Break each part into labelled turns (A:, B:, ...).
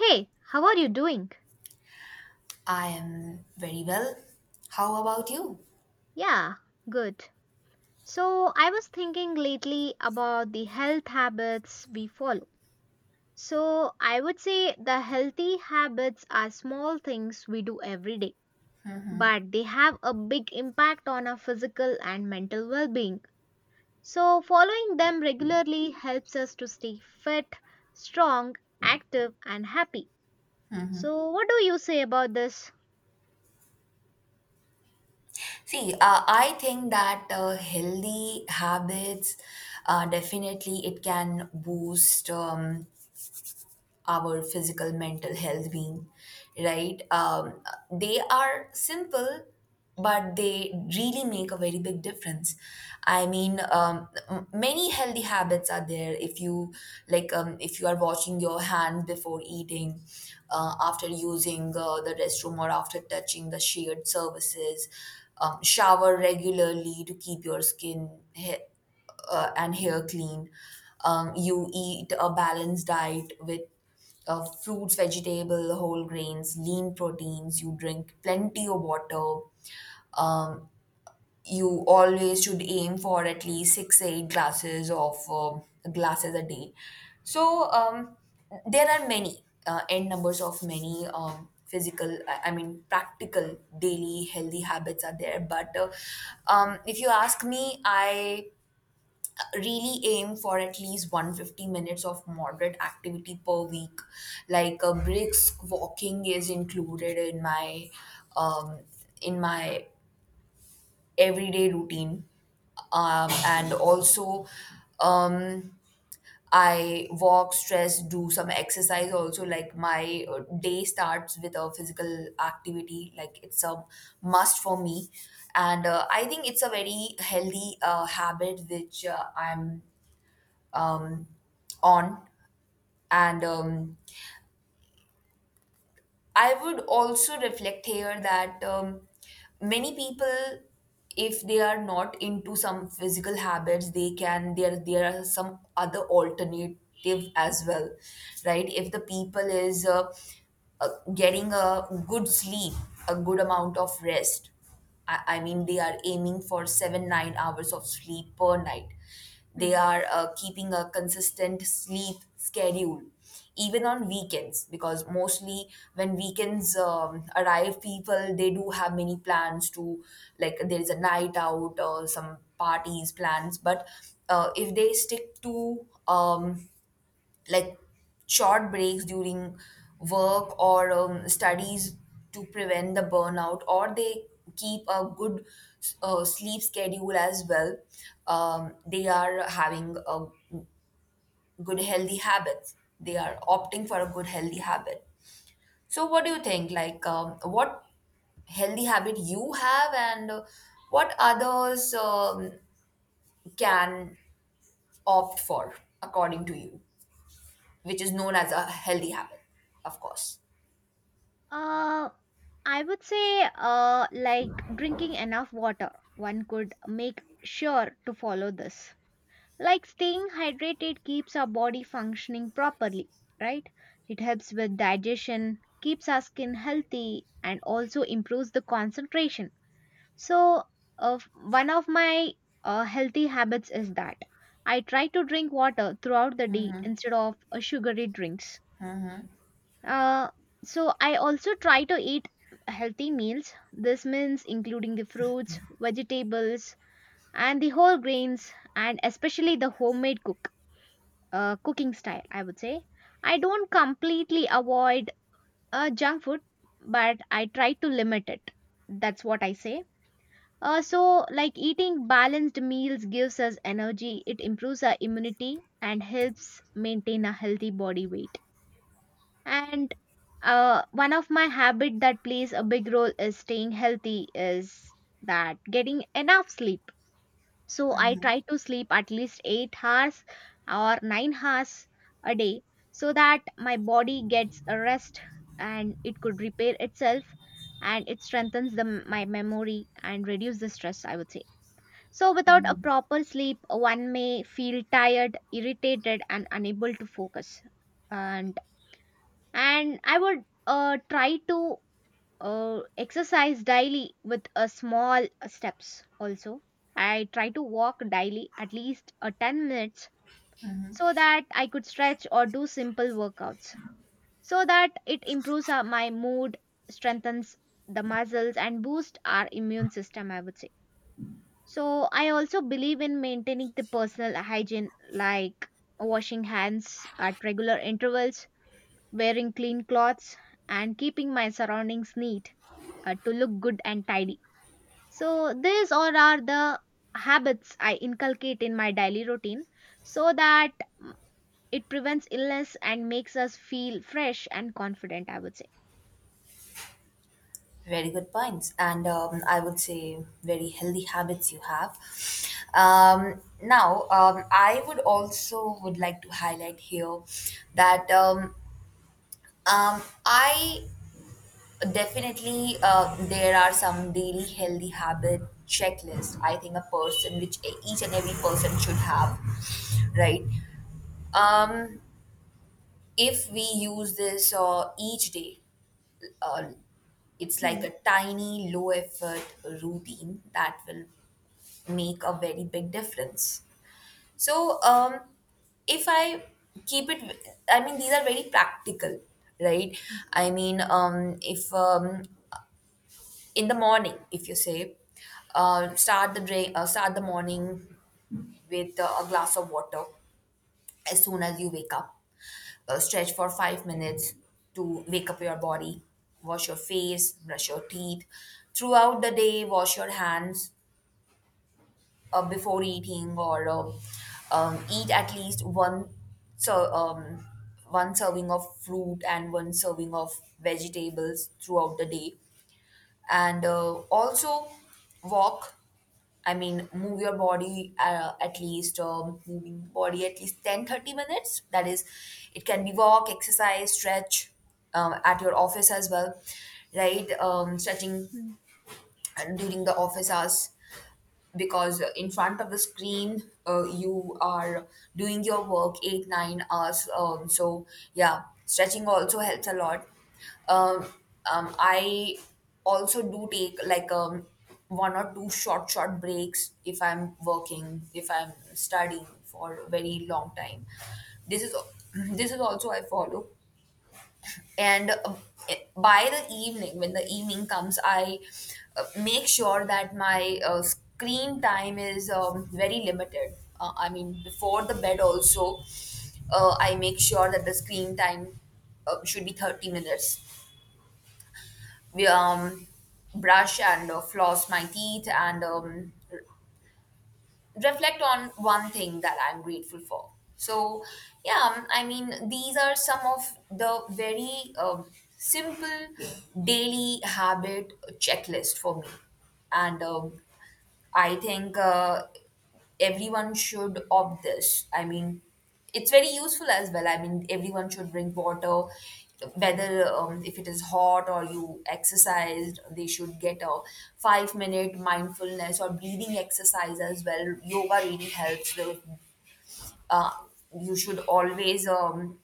A: Hey, how are you doing?
B: I am very well. How about you?
A: Yeah, good. So, I was thinking lately about the health habits we follow. So, I would say the healthy habits are small things we do every day, but they have a big impact on our physical and mental well being. So, following them regularly helps us to stay fit, strong, active, and happy. So, what do you say about this?
B: I think that healthy habits definitely it can boost our physical mental health being, right. They are simple but they really make a very big difference. Many healthy habits are there if you if you are washing your hand before eating, after using the restroom or after touching the shared surfaces. Shower regularly to keep your skin and hair clean. You eat a balanced diet with fruits, vegetable, whole grains, lean proteins. You drink plenty of water. Um, you always should aim for at least six, eight glasses of glasses a day. So um, there are many n numbers of many physical, I mean practical daily healthy habits are there. But If you ask me, I really aim for at least 150 minutes of moderate activity per week, like a brisk walking is included in my um, in my everyday routine, and also, um, I walk stress do some exercise also, like my day starts with a physical activity like it's a must for me. And I think it's a very healthy habit which I'm um, on. And I would also reflect here that, many people, if they are not into some physical habits, they can there are some other alternative as well, right? If the people is uh, getting a good sleep, a good amount of rest. I mean, they are aiming for 7 to 9 hours of sleep per night. They
A: Hmm.
B: are keeping a consistent sleep schedule, even on weekends, because mostly when weekends arrive, people they do have many plans to, like there is a night out or some parties plans. But if they stick to, like short breaks during work or studies to prevent the burnout, or they keep a good sleep schedule as well, they are having a good healthy habits, they are opting for a good healthy habit. So what do you think, like what healthy habit you have, and what others can opt for, according to you, which is known as a healthy habit, of course.
A: Uh, I would say, like drinking enough water. One could make sure to follow this. Like staying hydrated keeps our body functioning properly, right? It helps with digestion, keeps our skin healthy, and also improves the concentration. So, one of my healthy habits is that I try to drink water throughout the day instead of sugary drinks. Uh, so I also try to eat healthy meals. This means including the fruits, vegetables, and the whole grains, and especially the homemade cooking style. I would say I don't completely avoid junk food, but I try to limit it. That's what I say. So, like eating balanced meals gives us energy, it improves our immunity, and helps maintain a healthy body weight, and one of my habit that plays a big role is staying healthy is that getting enough sleep. So I try to sleep at least 8 hours or 9 hours a day, so that my body gets a rest and it could repair itself, and it strengthens the my memory and reduce the stress, I would say. So without a
B: Mm.
A: proper sleep, one may feel tired, irritated, and unable to focus. And and I would try to exercise daily with a small steps. Also, I try to walk daily at least 10 minutes, so that I could stretch or do simple workouts, so that it improves my mood, strengthens the muscles, and boost our immune system, I would say. So I also believe in maintaining the personal hygiene, like washing hands at regular intervals, wearing clean clothes, and keeping my surroundings neat to look good and tidy. So, these all are the habits I inculcate in my daily routine so that, mm, it prevents illness and makes us feel fresh and confident, I would say.
B: Very good points, and I would say very healthy habits you have. Now, I would also would like to highlight here that, I definitely, there are some daily healthy habit checklist. I think a person which each and every person should have, right? Um, if we use this each day, uh, it's like
A: Hmm.
B: a tiny, low effort routine that will make a very big difference. So, if I keep it, I mean, these are very practical, right? I mean, if in the morning, if you say, start the morning with a glass of water as soon as you wake up, stretch for 5 minutes to wake up your body, wash your face, brush your teeth. Throughout the day, wash your hands before eating or eat at least one, so um, one serving of fruit and one serving of vegetables throughout the day. And also walk, I mean, move your body at least, moving body at least 10 to 30 minutes. That is, it can be walk, exercise, stretch at your office as well, right? Stretching
A: Hmm.
B: during the office hours, because in front of the screen you are doing your work 8 to 9 hours, so yeah, stretching also helps a lot. um, I also do take like one or two short breaks if I'm working, if I'm studying for a very long time. This is this is also I follow. And by the evening, when the evening comes, I make sure that my screen time is very limited. I mean before the bed also, I make sure that the screen time should be 30 minutes. We brush and floss my teeth, and reflect on one thing that I'm grateful for. So, yeah, I mean, these are some of the very simple daily habit checklist for me. And I think everyone should opt this. I mean, it's very useful as well. I mean, everyone should drink water, whether, if it is hot or you exercised, they should get a 5 minute mindfulness or breathing exercise as well. Yoga really helps. Uh, you should always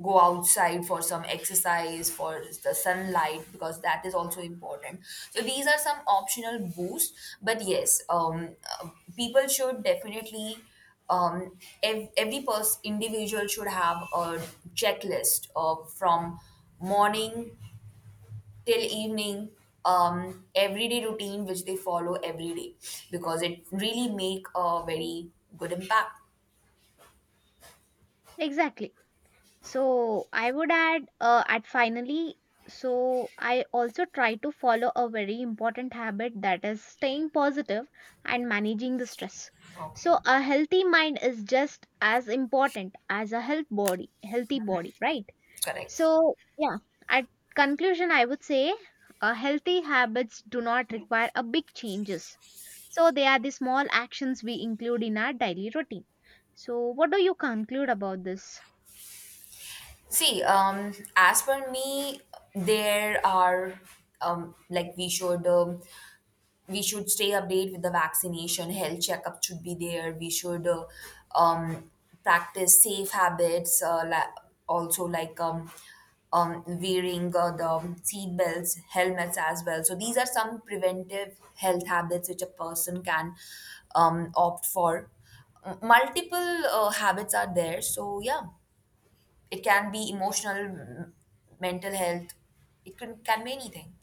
B: go outside for some exercise for the sunlight, because that is also important. So these are some optional boosts. But yes, uh, people should definitely, um, every person individual should have a checklist of from morning till evening, everyday routine which they follow every day, because it really make a very good impact.
A: Exactly. So I would add at finally, so I also try to follow a very important habit, that is staying positive and managing the stress.
B: Okay.
A: So a healthy mind is just as important as a healthy body, right?
B: Correct.
A: So yeah, at conclusion, I would say healthy habits do not require a big changes. So they are the small actions we include in our daily routine. So what do you conclude about this?
B: As per me, there are like we should, we should stay updated with the vaccination. Health checkup should be there. We should um, practice safe habits. Also, like wearing the seat belts, helmets as well. So these are some preventive health habits which a person can opt for. Multiple habits are there. So yeah. It can be emotional, mental health. It can be anything.